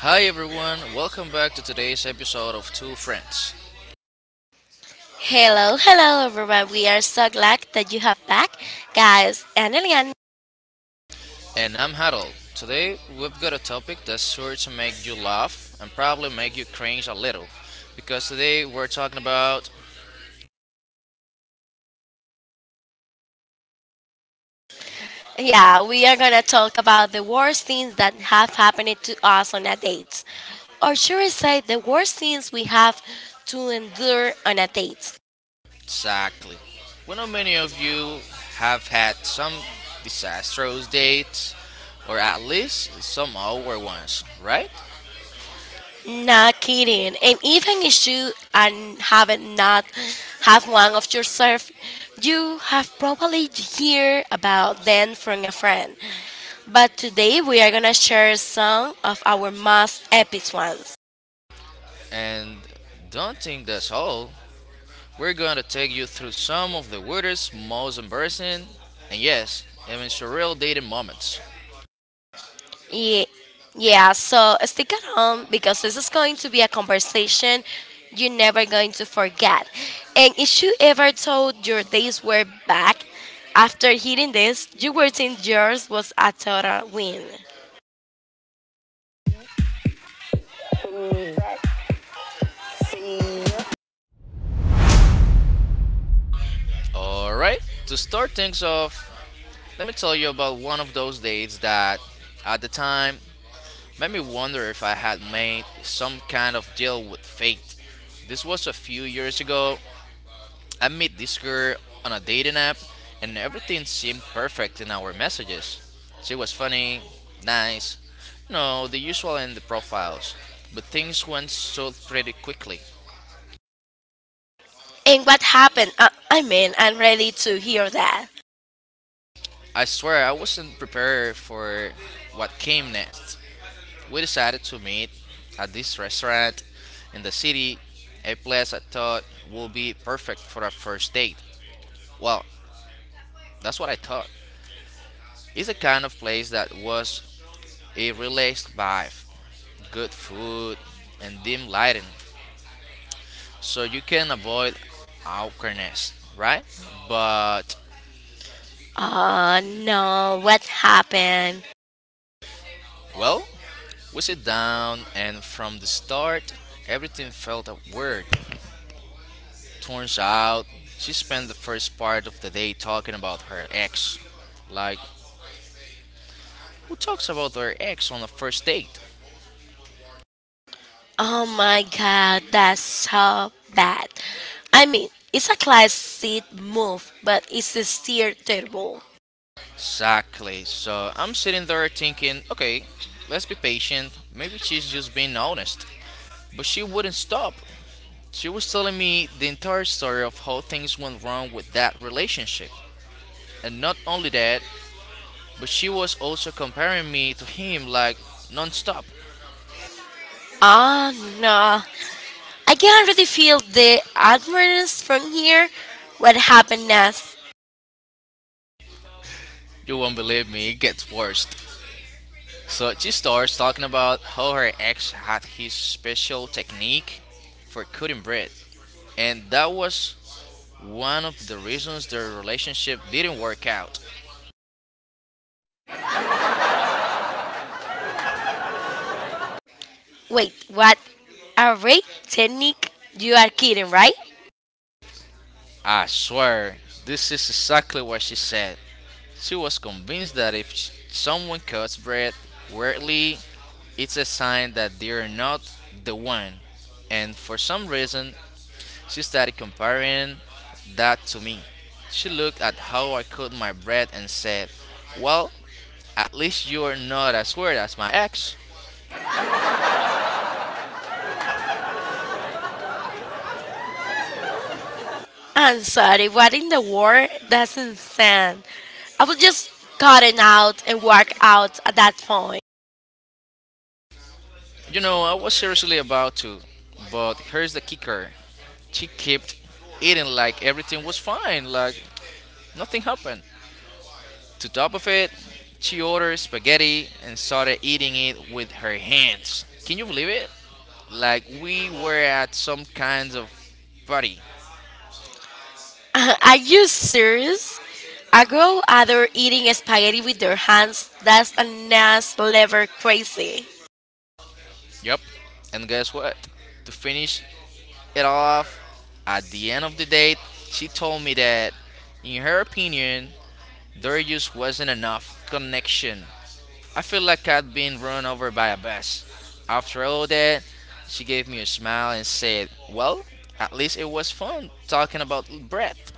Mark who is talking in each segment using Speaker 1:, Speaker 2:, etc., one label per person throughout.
Speaker 1: Hi everyone, welcome back to today's episode of Two Friends.
Speaker 2: Hello, hello everyone. We are so glad that you have back, guys. And Elian,
Speaker 1: And I'm Harold. Today we've got a topic that's sure to make you laugh and probably make you cringe a little. Because today we're talking about
Speaker 2: yeah, we are gonna talk about the worst things that have happened to us on a date, or should I say, the worst things we have to endure on a date.
Speaker 1: exactly. We know many of you have had some disastrous dates, or at least some awkward ones, right?
Speaker 2: Not kidding. And even if you are haven't not have one of yourself, you have probably heard about them from a friend. But today we are gonna share some of our most epic ones.
Speaker 1: And don't think that's all. We're going to take you through some of the weirdest, most embarrassing, and yes, even surreal dating moments.
Speaker 2: Yeah, yeah. So stick at home because this is going to be a conversation you're never going to forget. And if you ever thought your days were back after hearing this, you were think yours was a total win.
Speaker 1: Alright, to start things off, let me tell you about one of those dates that, at the time, made me wonder if I had made some kind of deal with fate. This was a few years ago. I met this girl on a dating app, and everything seemed perfect in our messages. She was funny, nice, you know, the usual in the profiles. But things went so pretty quickly.
Speaker 2: And what happened? I mean, I'm ready to hear that.
Speaker 1: I swear I wasn't prepared for what came next. We decided to meet at this restaurant in the city, a place I thought would be perfect for our first date. Well, that's what I thought. It's a kind of place that was a relaxed vibe, good food, and dim lighting, so you can avoid awkwardness, right? But,
Speaker 2: Oh no, what happened?
Speaker 1: well, we sit down, and from the start, everything felt weird. Turns out, she spent the first part of the day talking about her ex. Like, who talks about their ex on a first date?
Speaker 2: Oh my god, that's so bad. I mean, it's a classic move, but it's still terrible.
Speaker 1: Exactly. So I'm sitting there thinking, okay, let's be patient. Maybe she's just being honest. But she wouldn't stop. She was telling me the entire story of how things went wrong with that relationship. And not only that, but she was also comparing me to him like nonstop.
Speaker 2: Oh no, I can already feel the atmosphere from here. What happened next?
Speaker 1: You won't believe me, it gets worse. So she starts talking about how her ex had his special technique for cutting bread, and that was one of the reasons their relationship didn't work out.
Speaker 2: Wait, what? A rape technique? You are kidding, right?
Speaker 1: I swear, this is exactly what she said. She was convinced that if someone cuts bread weirdly, it's a sign that they're not the one. And for some reason, she started comparing that to me. She looked at how I cut my bread and said, "Well, at least you're not as weird as my ex."
Speaker 2: I'm sorry, what in the world? That's insane. I was just gotten out and walk out at that point.
Speaker 1: You know, I was seriously about to, but here's the kicker. She kept eating like everything was fine, like nothing happened. To top of it, she ordered spaghetti and started eating it with her hands. Can you believe it? Like we were at some kinds of party.
Speaker 2: Are you serious? A girl either eating spaghetti with their hands, that's a next level crazy.
Speaker 1: Yep. And guess what? To finish it off, at the end of the date, she told me that, in her opinion, there just wasn't enough connection. I feel like I'd been run over by a bus. After all that, she gave me a smile and said, "Well, at least it was fun talking about breath."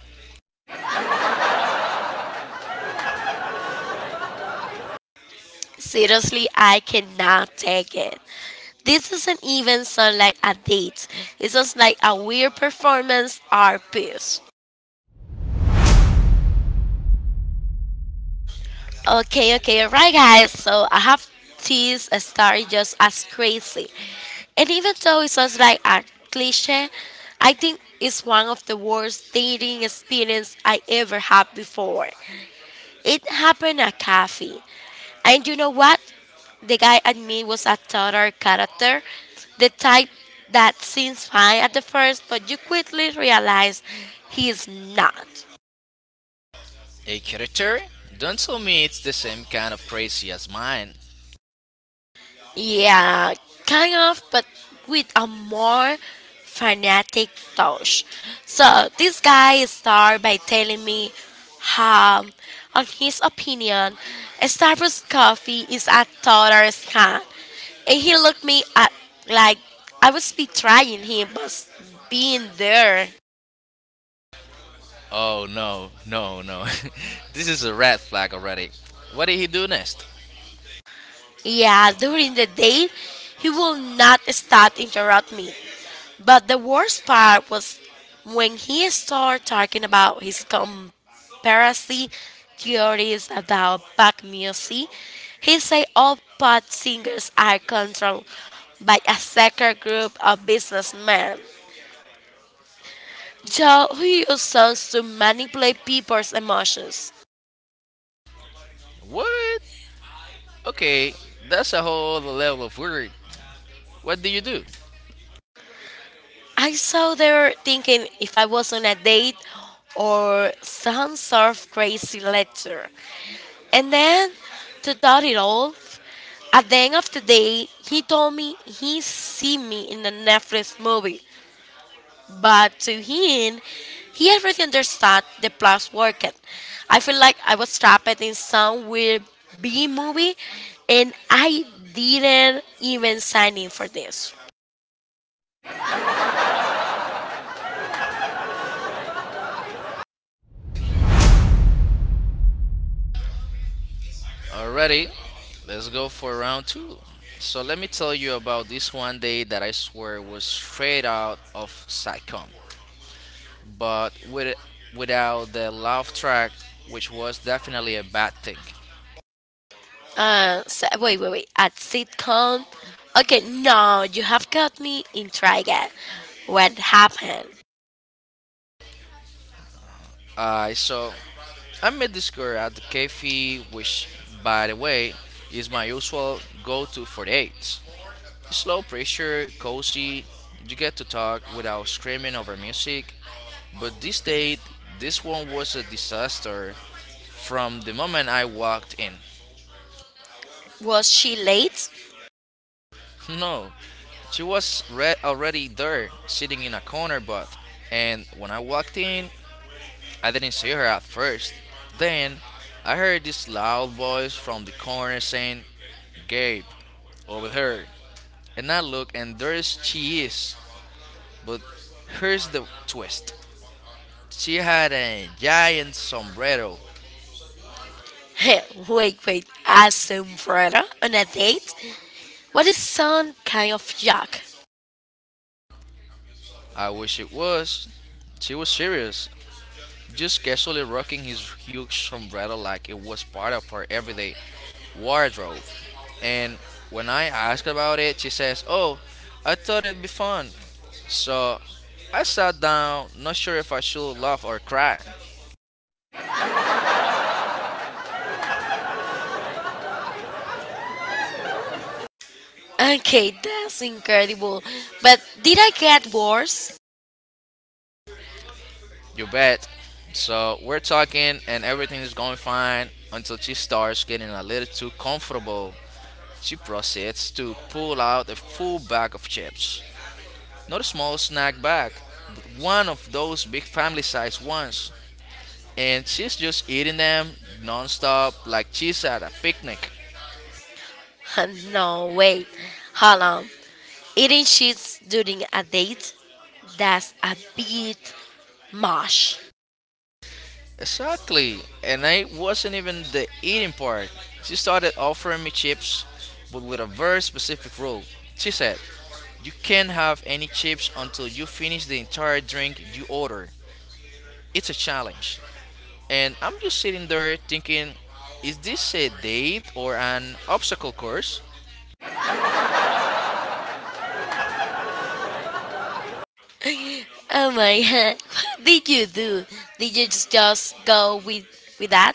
Speaker 2: Seriously, I cannot take it. This doesn't even sound like a date. It sounds like a weird performance art piece. Okay, alright, guys. So I have this story just as crazy, and even though it sounds like a cliche, I think it's one of the worst dating experience I ever had before. It happened at cafe, and you know what? The guy at me was a total character, the type that seems fine at the first, but you quickly realize he is not.
Speaker 1: A character? Don't tell me it's the same kind of crazy as mine.
Speaker 2: Yeah, kind of, but with a more fanatic touch. So this guy started by telling me how, on his opinion, a Starbucks coffee is a total scam, and he looked me at like I was betraying him, but being there.
Speaker 1: Oh no, no, no. This is a red flag already. What did he do next?
Speaker 2: Yeah, during the date, he will not start interrupt me. But the worst part was when he started talking about his conspiracy theories about pop music. He said all pop singers are controlled by a secret group of businessmen Joe who use songs to manipulate people's emotions.
Speaker 1: What? Okay, that's a whole other level of weird. What do you do?
Speaker 2: I saw there thinking if I was on a date or some sort of crazy letter. And then, to top it off, at the end of the day, he told me he see me in the Netflix movie. But to him, he already understood the plot's working. I feel like I was trapped in some weird B movie and I didn't even sign in for this.
Speaker 1: Already, let's go for round two. So let me tell you about this one day that I swear was straight out of sitcom, but without the laugh track, which was definitely a bad thing.
Speaker 2: So, wait. At sitcom. Okay, no, you have got me intrigued. What happened?
Speaker 1: So I met this girl at the cafe, which, by the way, is my usual go-to for dates. It's low pressure, cozy. You get to talk without screaming over music. But this date, this one was a disaster from the moment I walked in.
Speaker 2: Was she late?
Speaker 1: No, she was already there, sitting in a corner booth. And when I walked in, I didn't see her at first. Then I heard this loud voice from the corner saying, "Gabe, over here!" And I look, and there is she is. But here's the twist: she had a giant sombrero.
Speaker 2: Hey wait. A sombrero on a date? What is some kind of joke?
Speaker 1: I wish it was. She was serious, just casually rocking his huge umbrella like it was part of her everyday wardrobe. And when I asked about it, she says, "Oh, I thought it'd be fun." So I sat down, not sure if I should laugh or cry.
Speaker 2: Okay, that's incredible. But did I get worse?
Speaker 1: You bet. So we're talking, and everything is going fine until she starts getting a little too comfortable. She proceeds to pull out a full bag of chips. Not a small snack bag, but one of those big family sized ones. And she's just eating them nonstop like she's at a picnic.
Speaker 2: Huh, no, wait. Hold on. Eating sheets during a date? That's a bit much.
Speaker 1: Exactly. And it wasn't even the eating part. She started offering me chips, but with a very specific rule. She said, "You can't have any chips until you finish the entire drink you order. It's a challenge." And I'm just sitting there thinking, is this a date or an obstacle course?
Speaker 2: Oh my god. What did you do? Did you just go with that?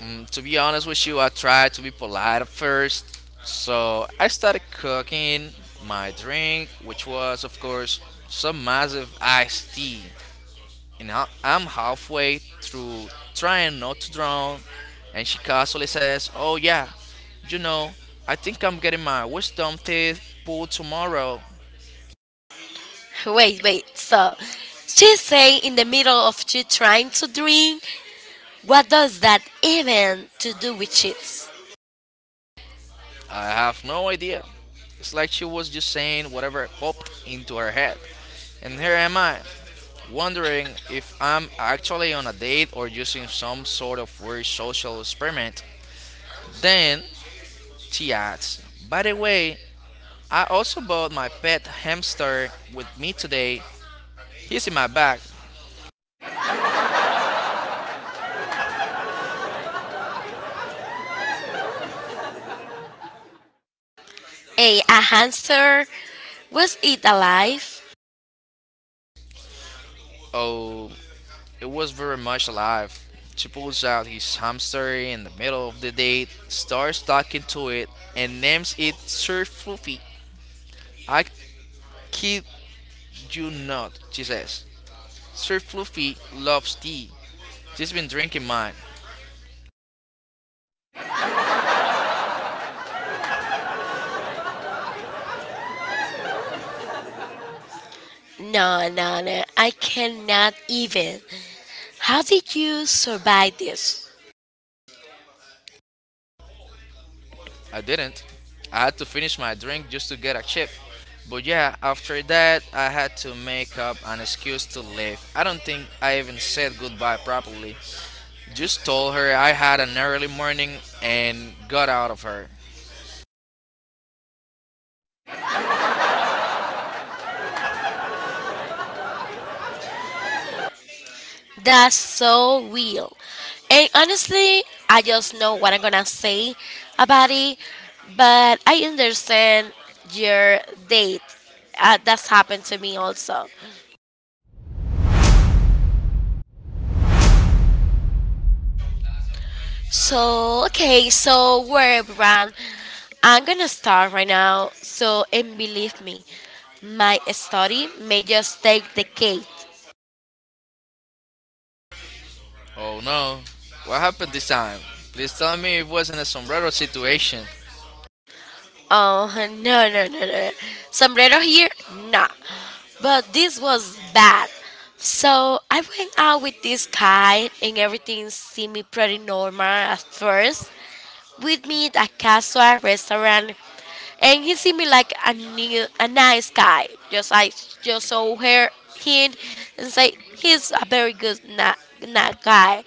Speaker 1: To be honest with you, I tried to be polite at first. So I started cooking my drink, which was, of course, some massive iced tea. And I'm halfway through trying not to drown. And she casually says, "Oh, yeah, you know, I think I'm getting my wisdom teeth pulled tomorrow."
Speaker 2: Wait. So she say in the middle of you trying to drink. What does that even to do with cheats?
Speaker 1: I have no idea. It's like she was just saying whatever popped into her head. And here am I, wondering if I'm actually on a date or just in some sort of weird social experiment. Then she adds, "By the way, I also bought my pet hamster with me today. He's in my bag."
Speaker 2: A hamster? Was it alive?
Speaker 1: Oh, it was very much alive. She pulls out his hamster in the middle of the date, starts talking to it, and names it Sir Fluffy. I kid you not, she says, "Sir Fluffy loves tea. She's been drinking mine."
Speaker 2: No, no, no. I cannot even. How did you survive this?
Speaker 1: I didn't. I had to finish my drink just to get a chip. But yeah, after that, I had to make up an excuse to leave. I don't think I even said goodbye properly. Just told her I had an early morning and got out of her.
Speaker 2: That's so real. And honestly, I just know what I'm gonna say about it, but I understand your date. That's happened to me also. So, okay, so we're around. I'm gonna start right now. So, and believe me, my study may just take the cake.
Speaker 1: Oh no. What happened this time? Please tell me it wasn't a sombrero situation.
Speaker 2: Oh no no no no! Sombrero here? Nah. But this was bad. So I went out with this guy, and everything seemed me pretty normal at first. We meet at a casual restaurant, and he seemed me like a new, a nice guy. Just I just saw her him and say he's a very good na guy.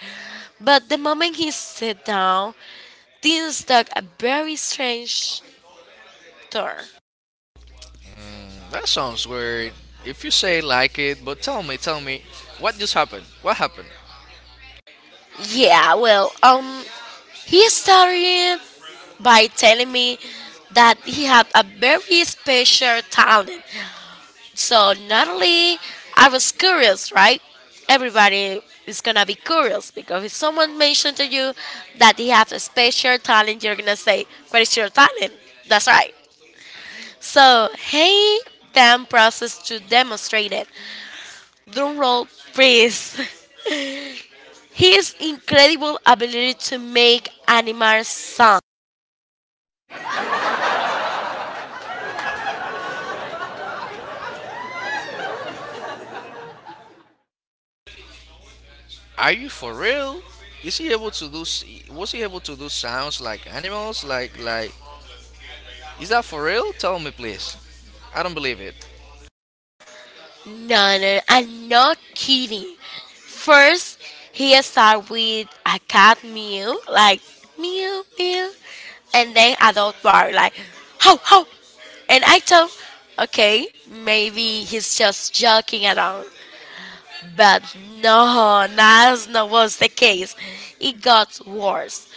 Speaker 2: But the moment he sat down, things took a very strange Thor.
Speaker 1: That sounds weird. If you say like it, but tell me, what just happened? What happened?
Speaker 2: Yeah, well, he started by telling me that he had a very special talent. So not only I was curious, right? Everybody is gonna be curious because if someone mentioned to you that he has a special talent, you're gonna say, "What is your talent?" That's right. So he then process to demonstrate it. Drum roll, please. His incredible ability to make animals sound.
Speaker 1: Are you for real? Is he able to do? Was he able to do sounds like animals? Like? Is that for real? Tell me, please. I don't believe it.
Speaker 2: No, no, I'm not kidding. First, he started with a cat meow, like meow, meow, and then a dog bark, like ho, ho. And I thought, okay, maybe he's just joking around. But no, that's not was the case. It got worse.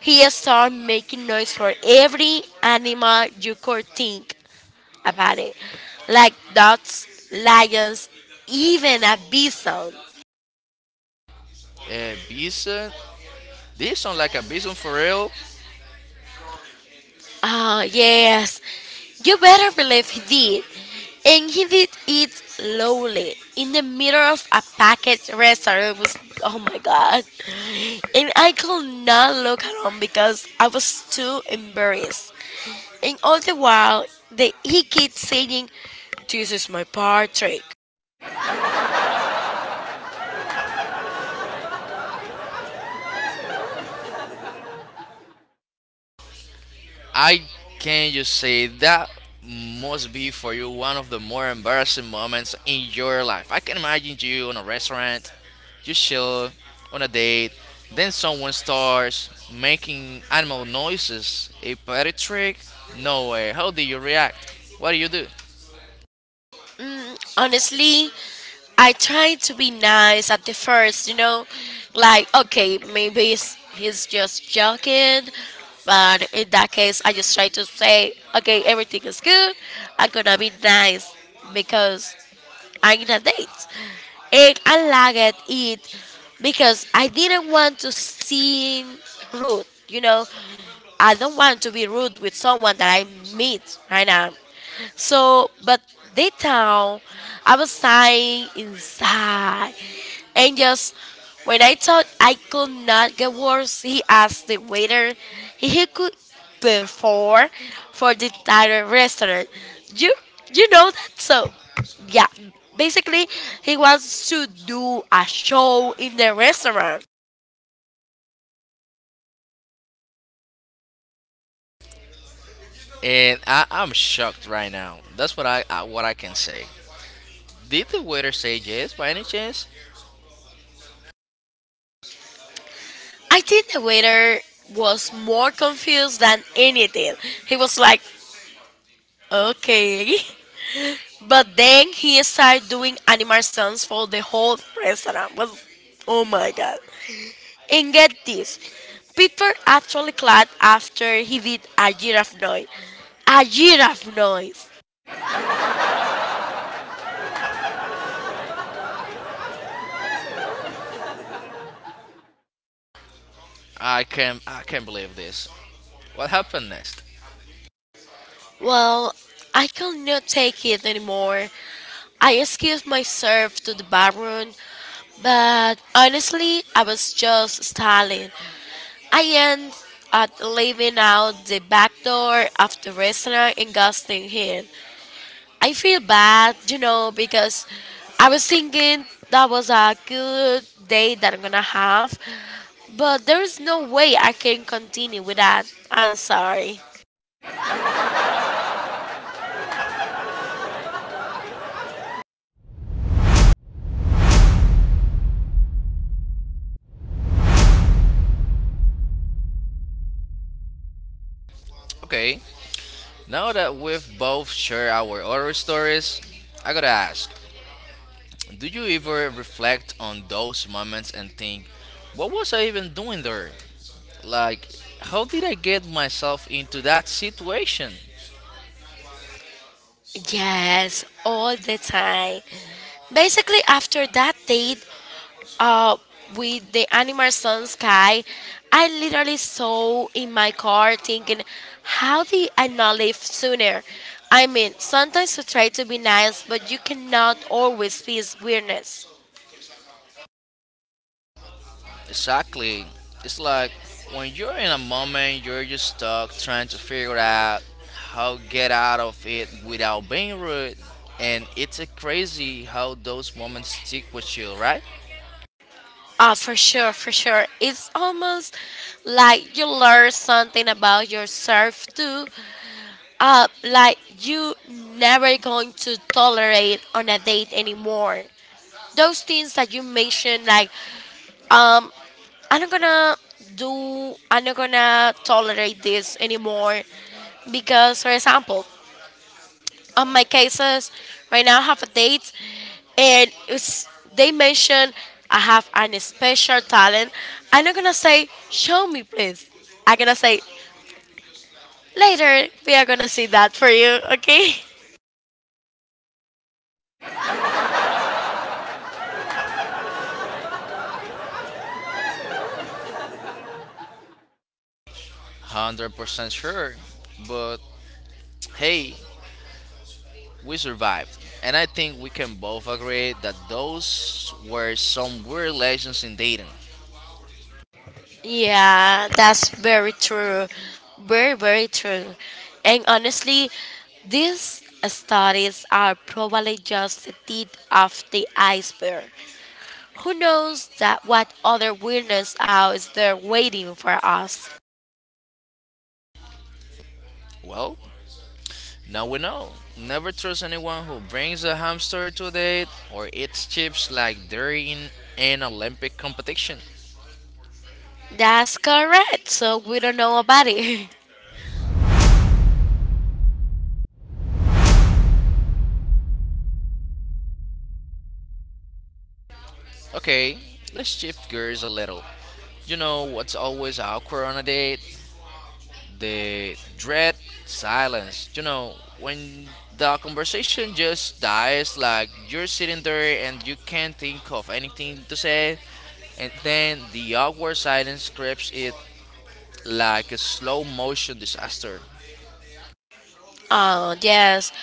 Speaker 2: He started making noise for every animal you could think about it, like dogs, lions, even a bison.
Speaker 1: A bison? This sound like a bison for real?
Speaker 2: Oh, yes. You better believe he did. And he did it slowly in the middle of a packed restaurant. It was, oh my god. And I could not look at him because I was too embarrassed. And all the while, he kept saying, This is my portrait.
Speaker 1: I can just say that must be for you one of the more embarrassing moments in your life. I can imagine you on a restaurant, you chill on a date, then someone starts making animal noises. A party trick? No way. How do you react? What do you do?
Speaker 2: Honestly, I tried to be nice at the first, you know, like okay, maybe he's just joking, but in that case, I just try to say, okay, everything is good. I'm gonna be nice because I Aina dates. And I liked it because I didn't want to seem rude, you know. I don't want to be rude with someone that I meet right now. So, but that time, I was sighing inside and just when I thought I could not get worse, he asked the waiter if he could perform for the entire restaurant. You you know that so yeah. Basically he wants to do a show in the restaurant.
Speaker 1: And I'm shocked right now. That's what I what I can say. Did the waiter say yes by any chance?
Speaker 2: I think the waiter was more confused than anything. He was like, okay. But then he started doing animal sounds for the whole restaurant. Was oh my god. And get this, Peter actually clapped after he did a giraffe noise. A giraffe noise.
Speaker 1: I can't believe this. What happened next?
Speaker 2: Well, I could not take it anymore. I excused myself to the bathroom, but honestly, I was just stalling. I ended up leaving out the back door of the restaurant and ghosting him. I feel bad, you know, because I was thinking that was a good day that I'm gonna have, but there is no way I can continue with that. I'm sorry.
Speaker 1: Okay, now that we've both shared our horror stories, I gotta ask, do you ever reflect on those moments and think, what was I even doing there? Like, how did I get myself into that situation?
Speaker 2: Yes, all the time. Basically, after that date, uh, with the Animal Sun Sky, I literally saw in my car thinking, how did I not leave sooner? I mean, sometimes you try to be nice, but you cannot always face weirdness.
Speaker 1: Exactly. It's like when you're in a moment, you're just stuck trying to figure out how to get out of it without being rude. And it's a crazy how those moments stick with you, right?
Speaker 2: Oh, for sure. It's almost like you learn something about yourself too. Like you never going to tolerate on a date anymore. Those things that you mentioned, like um, I'm not gonna I'm not gonna tolerate this anymore, because for example, on my cases right now. I have a date, and it's they mentioned I have an special talent. I'm not gonna say show me, please. I'm gonna say later. We are gonna see that for you, okay?
Speaker 1: 100% sure. But hey, we survived. And I think we can both agree that those were some weird lessons in dating.
Speaker 2: Yeah, that's very true. Very, very true. And honestly, these studies are probably just the tip of the iceberg. Who knows that what other weirdness out is there waiting for us?
Speaker 1: Well, now we know. Never trust anyone who brings a hamster to a date or eats chips like they're in an Olympic competition.
Speaker 2: That's correct. So we don't know about it.
Speaker 1: Okay, let's shift gears a little. You know what's always awkward on a date? The dread silence. You know, when the conversation just dies, like you're sitting there and you can't think of anything to say, and then the awkward silence creeps it like a slow motion disaster.
Speaker 2: Oh, yes.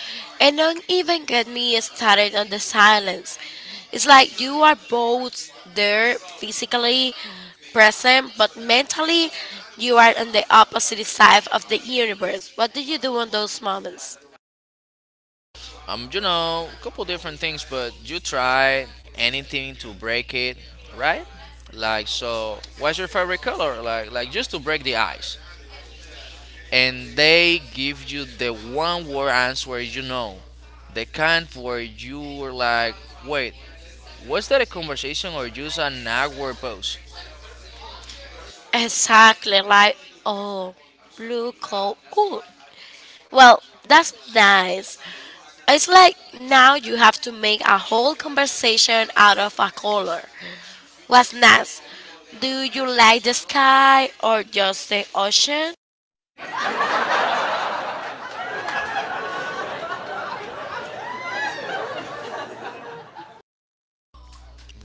Speaker 2: And don't even get me started on the silence. It's like you are both there physically present, but mentally you are on the opposite side of the universe. What do you do in those moments?
Speaker 1: You know, a couple different things, but you try anything to break it, right? Like, so, what's your favorite color? Like just to break the ice. And they give you the one word answer, you know. The kind where you were like, wait, was that a conversation or just an awkward pose?
Speaker 2: Exactly, like, oh, blue, cold, cool. Well, that's nice. It's like now you have to make a whole conversation out of a color. What's next? Do you like the sky or just the ocean?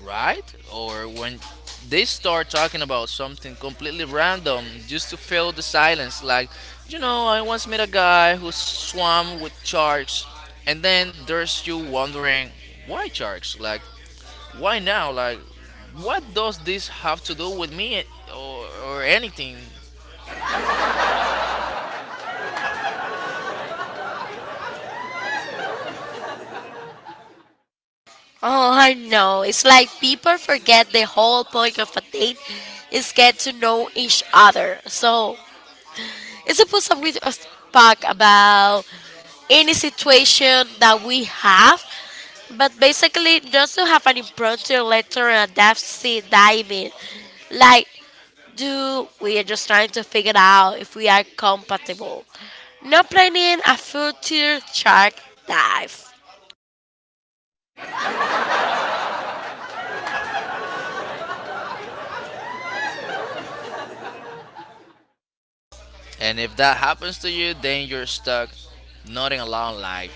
Speaker 1: Right? Or when they start talking about something completely random just to fill the silence, like, you know, I once met a guy who swam with sharks, and then there's you wondering, why sharks? Like, why now? Like, what does this have to do with me or anything?
Speaker 2: Oh, I know. It's like people forget the whole point of a date is get to know each other. So, it's supposed we just talk about any situation that we have, but basically just to have an impromptu letter and a deep sea diving. Like, do we are just trying to figure out if we are compatible. No planning a future shark dive.
Speaker 1: And if that happens to you, then you're stuck nodding along like,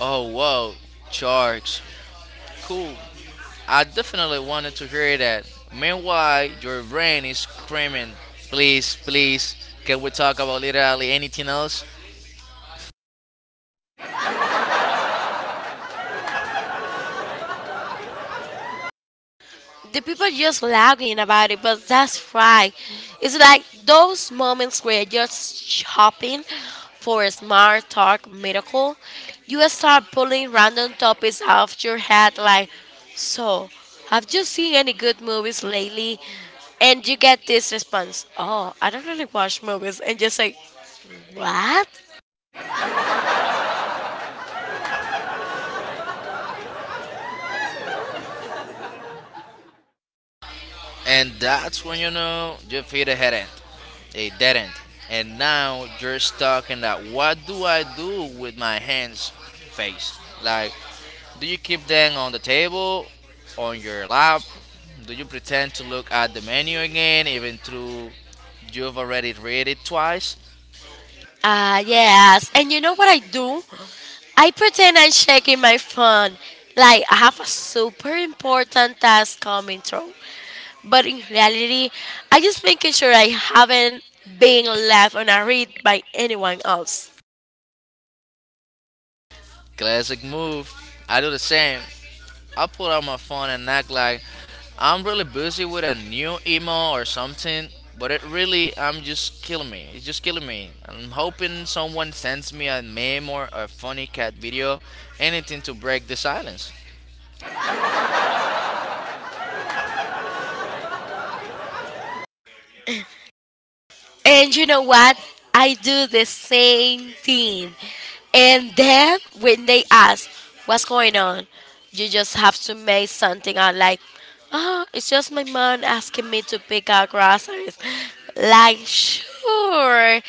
Speaker 1: oh, whoa, sharks. Cool. I definitely wanted to hear that. Meanwhile, your brain is screaming, please, please, can we talk about literally anything else?
Speaker 2: The people just laughing about it, but that's right. It's like those moments where you're just shopping for a smart talk miracle. You start pulling random topics out of your head, like, so, have you seen any good movies lately? And you get this response, oh, I don't really watch movies. And you say, what?
Speaker 1: And that's when you know you've hit a dead end. And now you're stuck in that what do I do with my hands face. Like, do you keep them on the table, on your lap? Do you pretend to look at the menu again even though you've already read it twice?
Speaker 2: Ah, yes. And you know what I do? I pretend I'm checking my phone. Like I have a super important task coming through. But in reality, I just making sure I haven't been left on a read by anyone else.
Speaker 1: Classic move. I do the same. I pull out my phone and act like I'm really busy with a new email or something, but it really, I'm just killing me. It's just killing me. I'm hoping someone sends me a meme or a funny cat video, anything to break the silence.
Speaker 2: And you know what? I do the same thing. And then when they ask, what's going on? You just have to make something out like, oh, it's just my mom asking me to pick out groceries. Like, sure.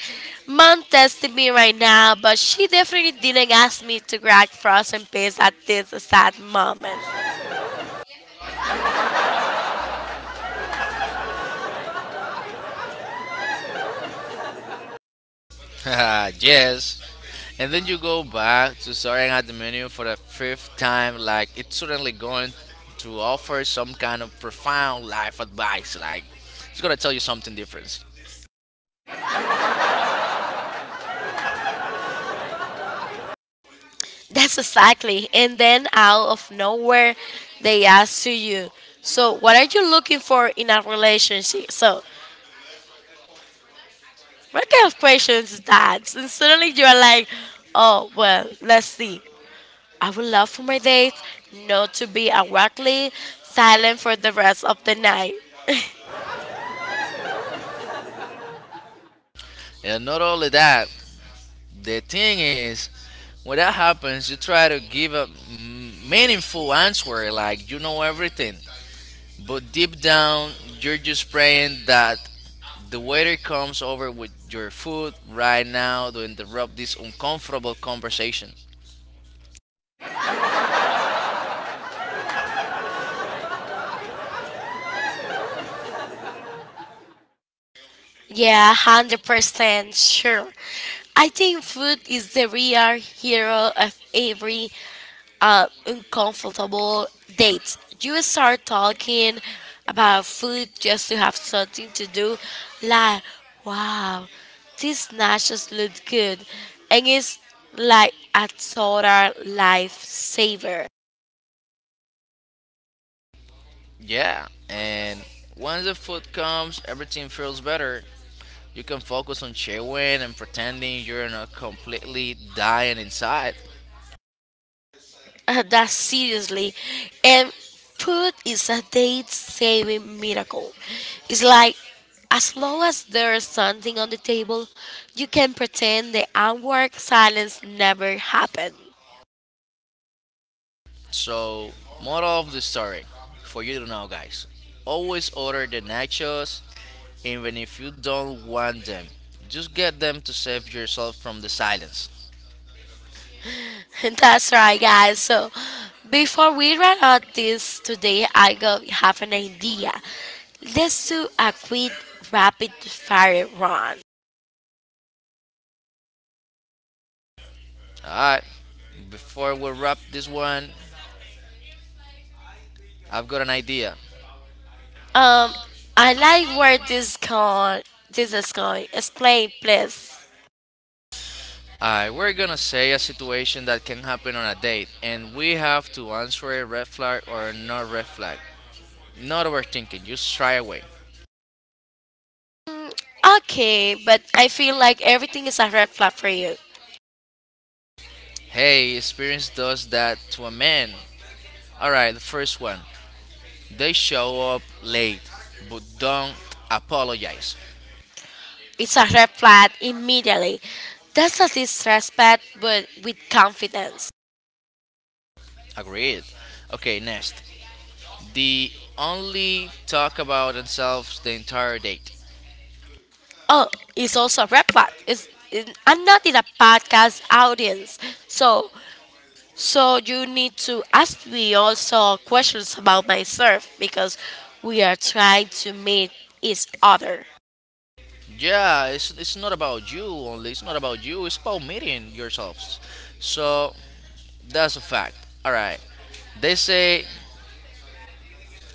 Speaker 2: Mom testing me right now, but she definitely didn't ask me to grab frozen peas at this exact moment.
Speaker 1: Yes. And then you go back to staring at the menu for the fifth time, like it's suddenly going to offer some kind of profound life advice. Like it's gonna tell you something different.
Speaker 2: That's exactly. And then out of nowhere, they ask to you, so what are you looking for in a relationship? So what kind of questions is that? And suddenly you're like, oh, well, let's see. I would love for my date not to be awkwardly silent for the rest of the night.
Speaker 1: And not only that, the thing is, when that happens, you try to give a meaningful answer, like you know everything. But deep down, you're just praying that the waiter comes over with your food right now to interrupt this uncomfortable conversation.
Speaker 2: Yeah, 100% sure. I think food is the real hero of every uncomfortable dates. You start talking about food just to have something to do. Like, wow, these nachos look good. And it's like a total lifesaver.
Speaker 1: Yeah. And once the food comes, everything feels better. You can focus on chewing and pretending you're not completely dying inside.
Speaker 2: That's seriously. And food is a date saving miracle. It's like as long as there is something on the table, you can pretend the awkward silence never happened.
Speaker 1: So, moral of the story for you to know, guys, always order the nachos even if you don't want them. Just get them to save yourself from the silence.
Speaker 2: That's right, guys. So, before we run out this today, I go have an idea. Let's do a quick rapid fire run.
Speaker 1: Alright, before we wrap this one, I've got an idea.
Speaker 2: Um, I like where this going. This is going. Explain, please.
Speaker 1: Alright, we're gonna say a situation that can happen on a date, and we have to answer a red flag or not red flag. Not overthinking, just try away.
Speaker 2: Okay, but I feel like everything is a red flag for you.
Speaker 1: Hey, experience does that to a man. Alright, the first one. They show up late, but don't apologize.
Speaker 2: It's a red flag immediately. That's a disrespect, but with confidence.
Speaker 1: Agreed. Okay, next. They only talk about themselves the entire date.
Speaker 2: Oh, it's also a rap part. I'm not in a podcast audience, so you need to ask me also questions about myself because we are trying to meet each other.
Speaker 1: Yeah, it's not about you only. It's not about you. It's about meeting yourselves. So that's a fact. All right. They say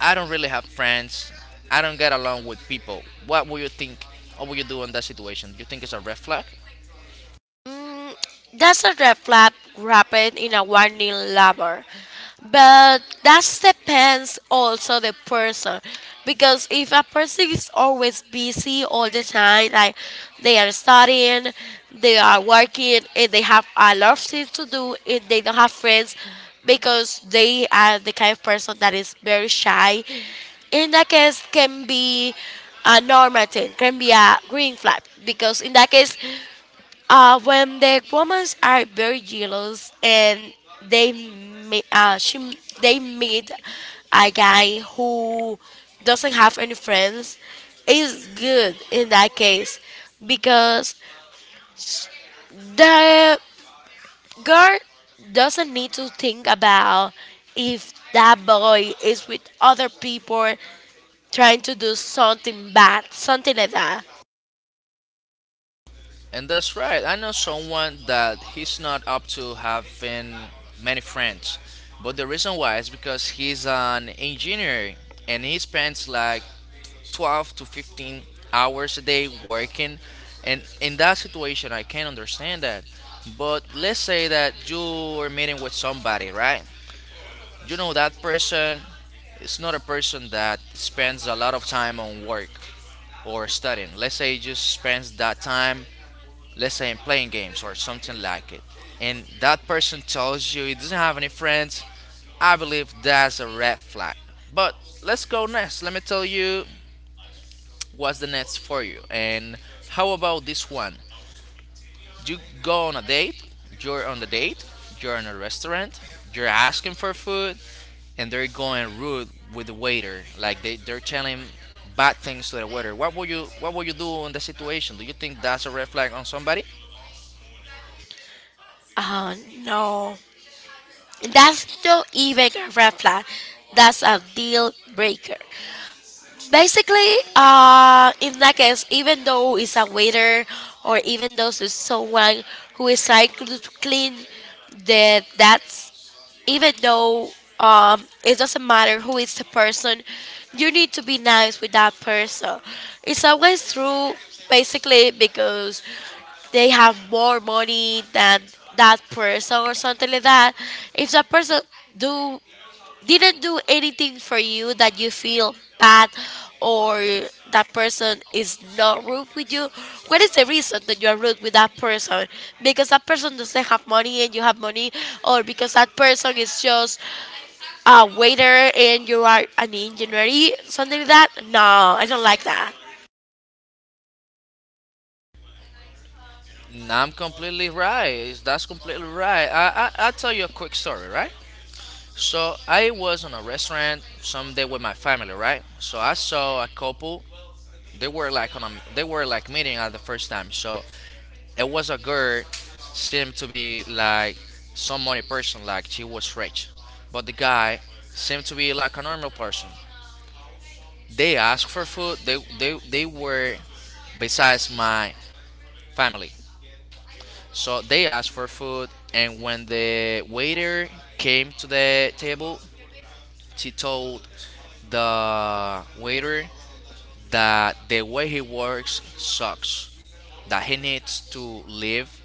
Speaker 1: I don't really have friends. I don't get along with people. What would you think? What would you do in that situation? Do you think it's a red flag?
Speaker 2: That's a red flag wrapped in a warning label. But that depends also the person. Because if a person is always busy all the time, like they are studying, they are working, and they have a lot of things to do, and they don't have friends because they are the kind of person that is very shy, in that case can be a normal thing, can be a green flag. Because in that case, when the women are very jealous and they meet, uh, she, they meet a guy who doesn't have any friends, is good in that case because the girl doesn't need to think about if that boy is with other people trying to do something bad, something like that.
Speaker 1: And that's right. I know someone that he's not up to having many friends. But the reason why is because he's an engineer and he spends like 12 to 15 hours a day working. And in that situation, I can understand that. But let's say that you're meeting with somebody, right? You know, that person is not a person that spends a lot of time on work or studying. Let's say he just spends that time, let's say, in playing games or something like it. And that person tells you he doesn't have any friends. I believe that's a red flag. But let's go next. Let me tell you what's the next for you. And how about this one? You go on a date, you're on the date, you're in a restaurant, you're asking for food, and they're going rude with the waiter. Like they're telling bad things to the waiter. What would you do in that situation? Do you think that's a red flag on somebody?
Speaker 2: Oh no. That's not even a red flag. That's a deal breaker. Basically, in that case, even though it's a waiter or even though it's someone who is trying to clean the that's even though it doesn't matter who is the person, you need to be nice with that person. It's always true, basically, because they have more money than that person or something like that. If that person do didn't do anything for you that you feel bad or that person is not rude with you, what is the reason that you are rude with that person? Because that person doesn't have money and you have money, or because that person is just a waiter and you are an engineer, something like that? No, I don't like that.
Speaker 1: No, I'm completely right. That's completely right. I I'll tell you a quick story, right? So I was in a restaurant someday with my family, right? So I saw a couple, they were like on a, they were like meeting at the first time, so it was a girl, seemed to be like some money person, like she was rich, but the guy seemed to be like a normal person. They asked for food, they were besides my family, so they asked for food, and when the waiter came to the table, she told the waiter that the way he works sucks, that he needs to leave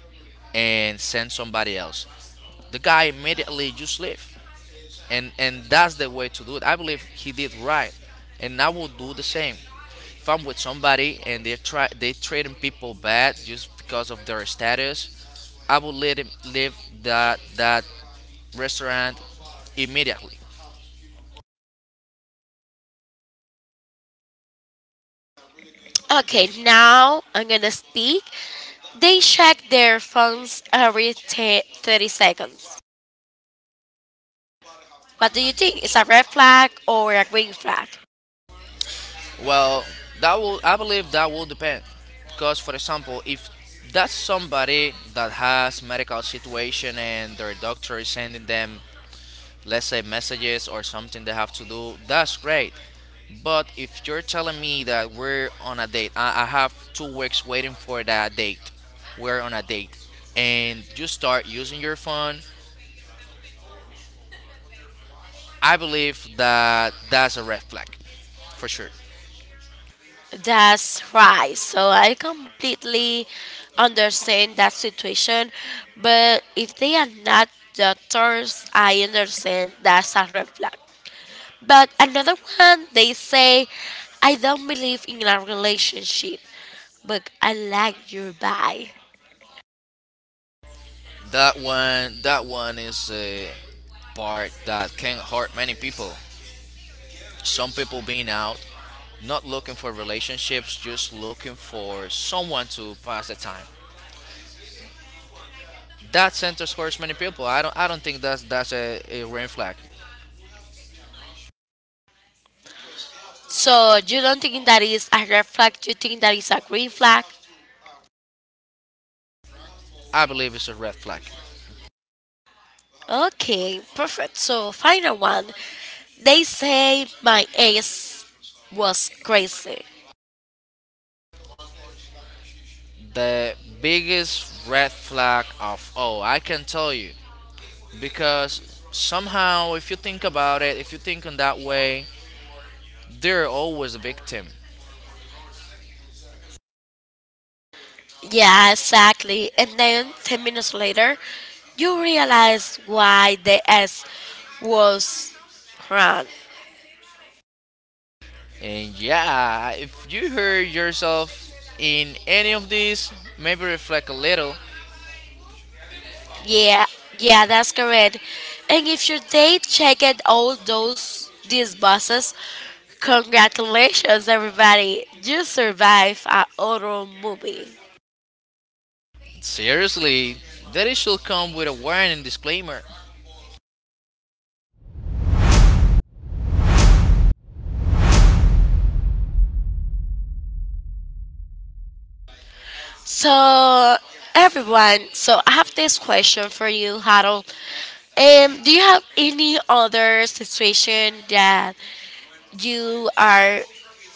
Speaker 1: and send somebody else. The guy immediately just left, and that's the way to do it. I believe he did right, and I will do the same. If I'm with somebody and they treating people bad just because of their status, I will let him leave that restaurant immediately.
Speaker 2: Okay, now I'm gonna speak. They check their phones every 30 seconds. What do you think? Is a red flag or a green flag?
Speaker 1: Well, that will I believe that will depend, because for example, if that's somebody that has medical situation and their doctor is sending them, let's say messages or something they have to do, that's great. But if you're telling me that we're on a date, I have 2 weeks waiting for that date. We're on a date, and you start using your phone. I believe that that's a red flag, for sure.
Speaker 2: That's right. So I completely understand that situation, but if they are not doctors, I understand that's a red flag. But another one, they say, I don't believe in a relationship, but I like your vibe.
Speaker 1: That one is a part that can hurt many people. Some people being out, not looking for relationships, just looking for someone to pass the time. That sentence hurts many people. I don't think that's a red flag.
Speaker 2: So you don't think that is a red flag, you think that is a green flag?
Speaker 1: I believe it's a red flag.
Speaker 2: Okay, perfect. So final one. They say my ex was crazy.
Speaker 1: The biggest red flag of, oh, I can tell you, because somehow if you think about it, if you think in that way, they're always a victim.
Speaker 2: Yeah, exactly. And then 10 minutes later, you realize why the S was wrong.
Speaker 1: And yeah, if you heard yourself in any of these, maybe reflect a little.
Speaker 2: Yeah, yeah, that's correct. And if your date checked all those these buses, congratulations everybody. You survived a horror movie.
Speaker 1: Seriously, that it should come with a warning disclaimer.
Speaker 2: So, everyone, so I have this question for you, Harold. Do you have any other situation that you are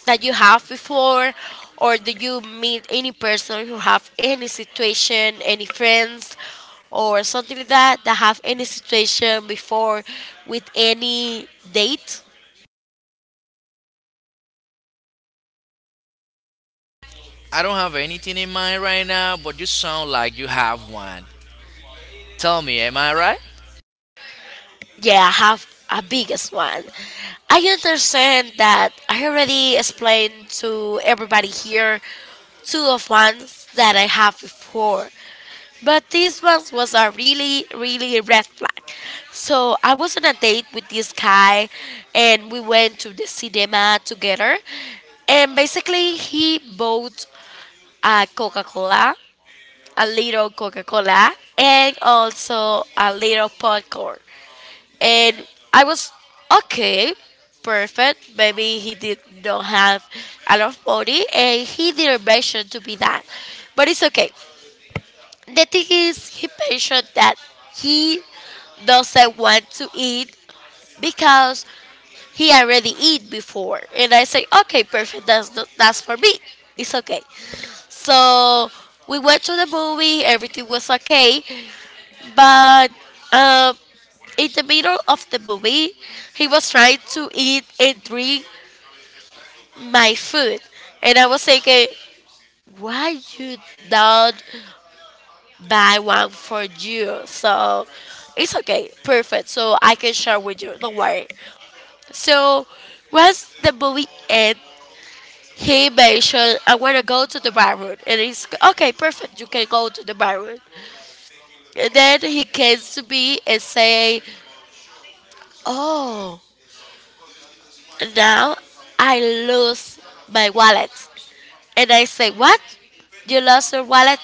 Speaker 2: that you have before, or do you meet any person who have any situation, any friends, or something like that that have any situation before with any date?
Speaker 1: I don't have anything in mind right now, but you sound like you have one. Tell me, am I right?
Speaker 2: Yeah, I have a biggest one. I understand that I already explained to everybody here two of ones that I have before, but this one was a really, really red flag. So I was on a date with this guy, and we went to the cinema together, and basically he bought a Coca Cola, a little Coca Cola, and also a little popcorn and I was okay, perfect. Maybe he did not have a lot of money, and he didn't mention to me that, but it's okay. The thing is, he mentioned that he doesn't want to eat because he already eat before, and I say, okay, perfect. That's not, that's for me. It's okay. So we went to the movie. Everything was okay, but. Um, in the middle of the movie, he was trying to eat and drink my food. And I was thinking, why you not buy one for you? So it's okay, perfect. So I can share with you, don't worry. So once the movie ends, he mentioned, I want to go to the bathroom. And he's okay, perfect. You can go to the bathroom. And then he came to me and say, oh, now I lose my wallet. And I say, what? You lost your wallet?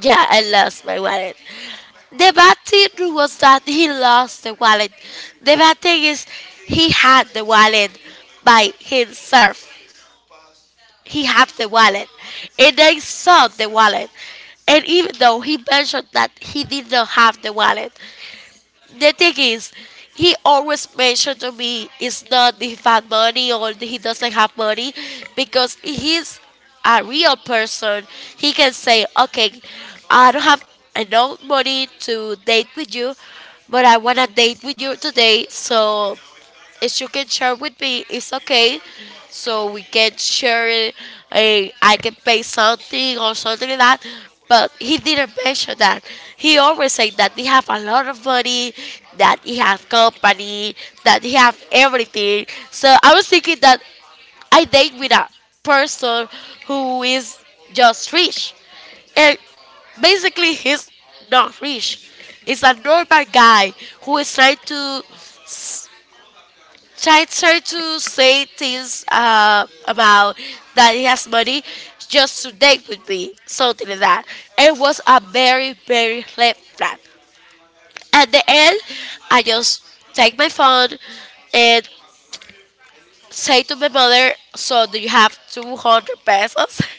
Speaker 2: Yeah, I lost my wallet. The bad thing was that he lost the wallet. The bad thing is he had the wallet by himself. He had the wallet. And I saw the wallet. And even though he mentioned that he did not have the wallet, the thing is, he always mentioned to me it's not the fan money or he doesn't have money because he's a real person. He can say, okay, I don't have enough money to date with you, but I wanna date with you today, so if you can share with me, it's okay. So we can share it. I can pay something or something like that. But he didn't mention that. He always said that he have a lot of money, that he have company, that he have everything. So I was thinking that I date with a person who is just rich. And basically he's not rich. He's a normal guy who is trying to I try to say things about that he has money just to date with me, something like that. It was a very, very left flat. At the end, I just take my phone and say to my mother, so do you have 200 pesos?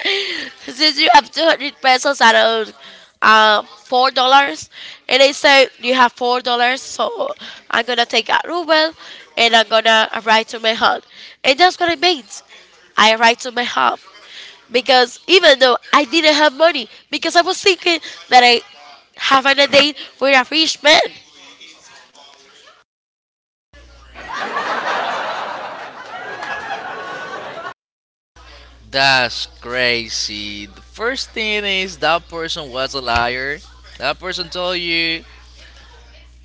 Speaker 2: Since you have 200 pesos out of $4, and I say you have $4, so I'm gonna take a ruble and I'm gonna write to my home, and that's what it means. I write to my home because even though I didn't have money, because I was thinking that I have an date with a rich man.
Speaker 1: That's crazy. The first thing is that person was a liar. That person told you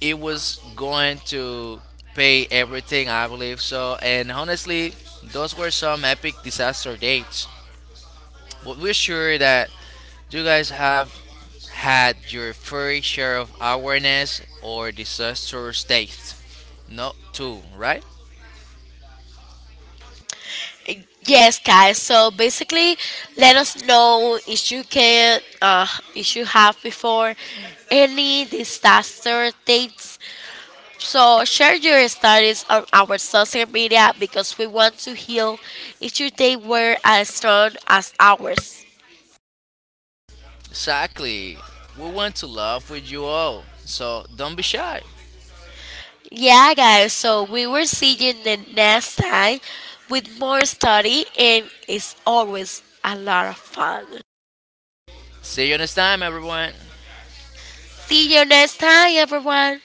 Speaker 1: it was going to pay everything, I believe so. And honestly, those were some epic disaster dates. But we're sure that you guys have had your fair share of awareness or disaster states. Not two, right?
Speaker 2: Yes, guys. So basically, let us know if you can, if you have before any disaster dates. So share your stories on our social media because we want to heal if your day were as strong as ours.
Speaker 1: Exactly. We want to laugh with you all, so don't be shy.
Speaker 2: Yeah, guys. So we will see you in the next time with more study, and it's always a lot of fun.
Speaker 1: See you next time, everyone.
Speaker 2: See you next time, everyone.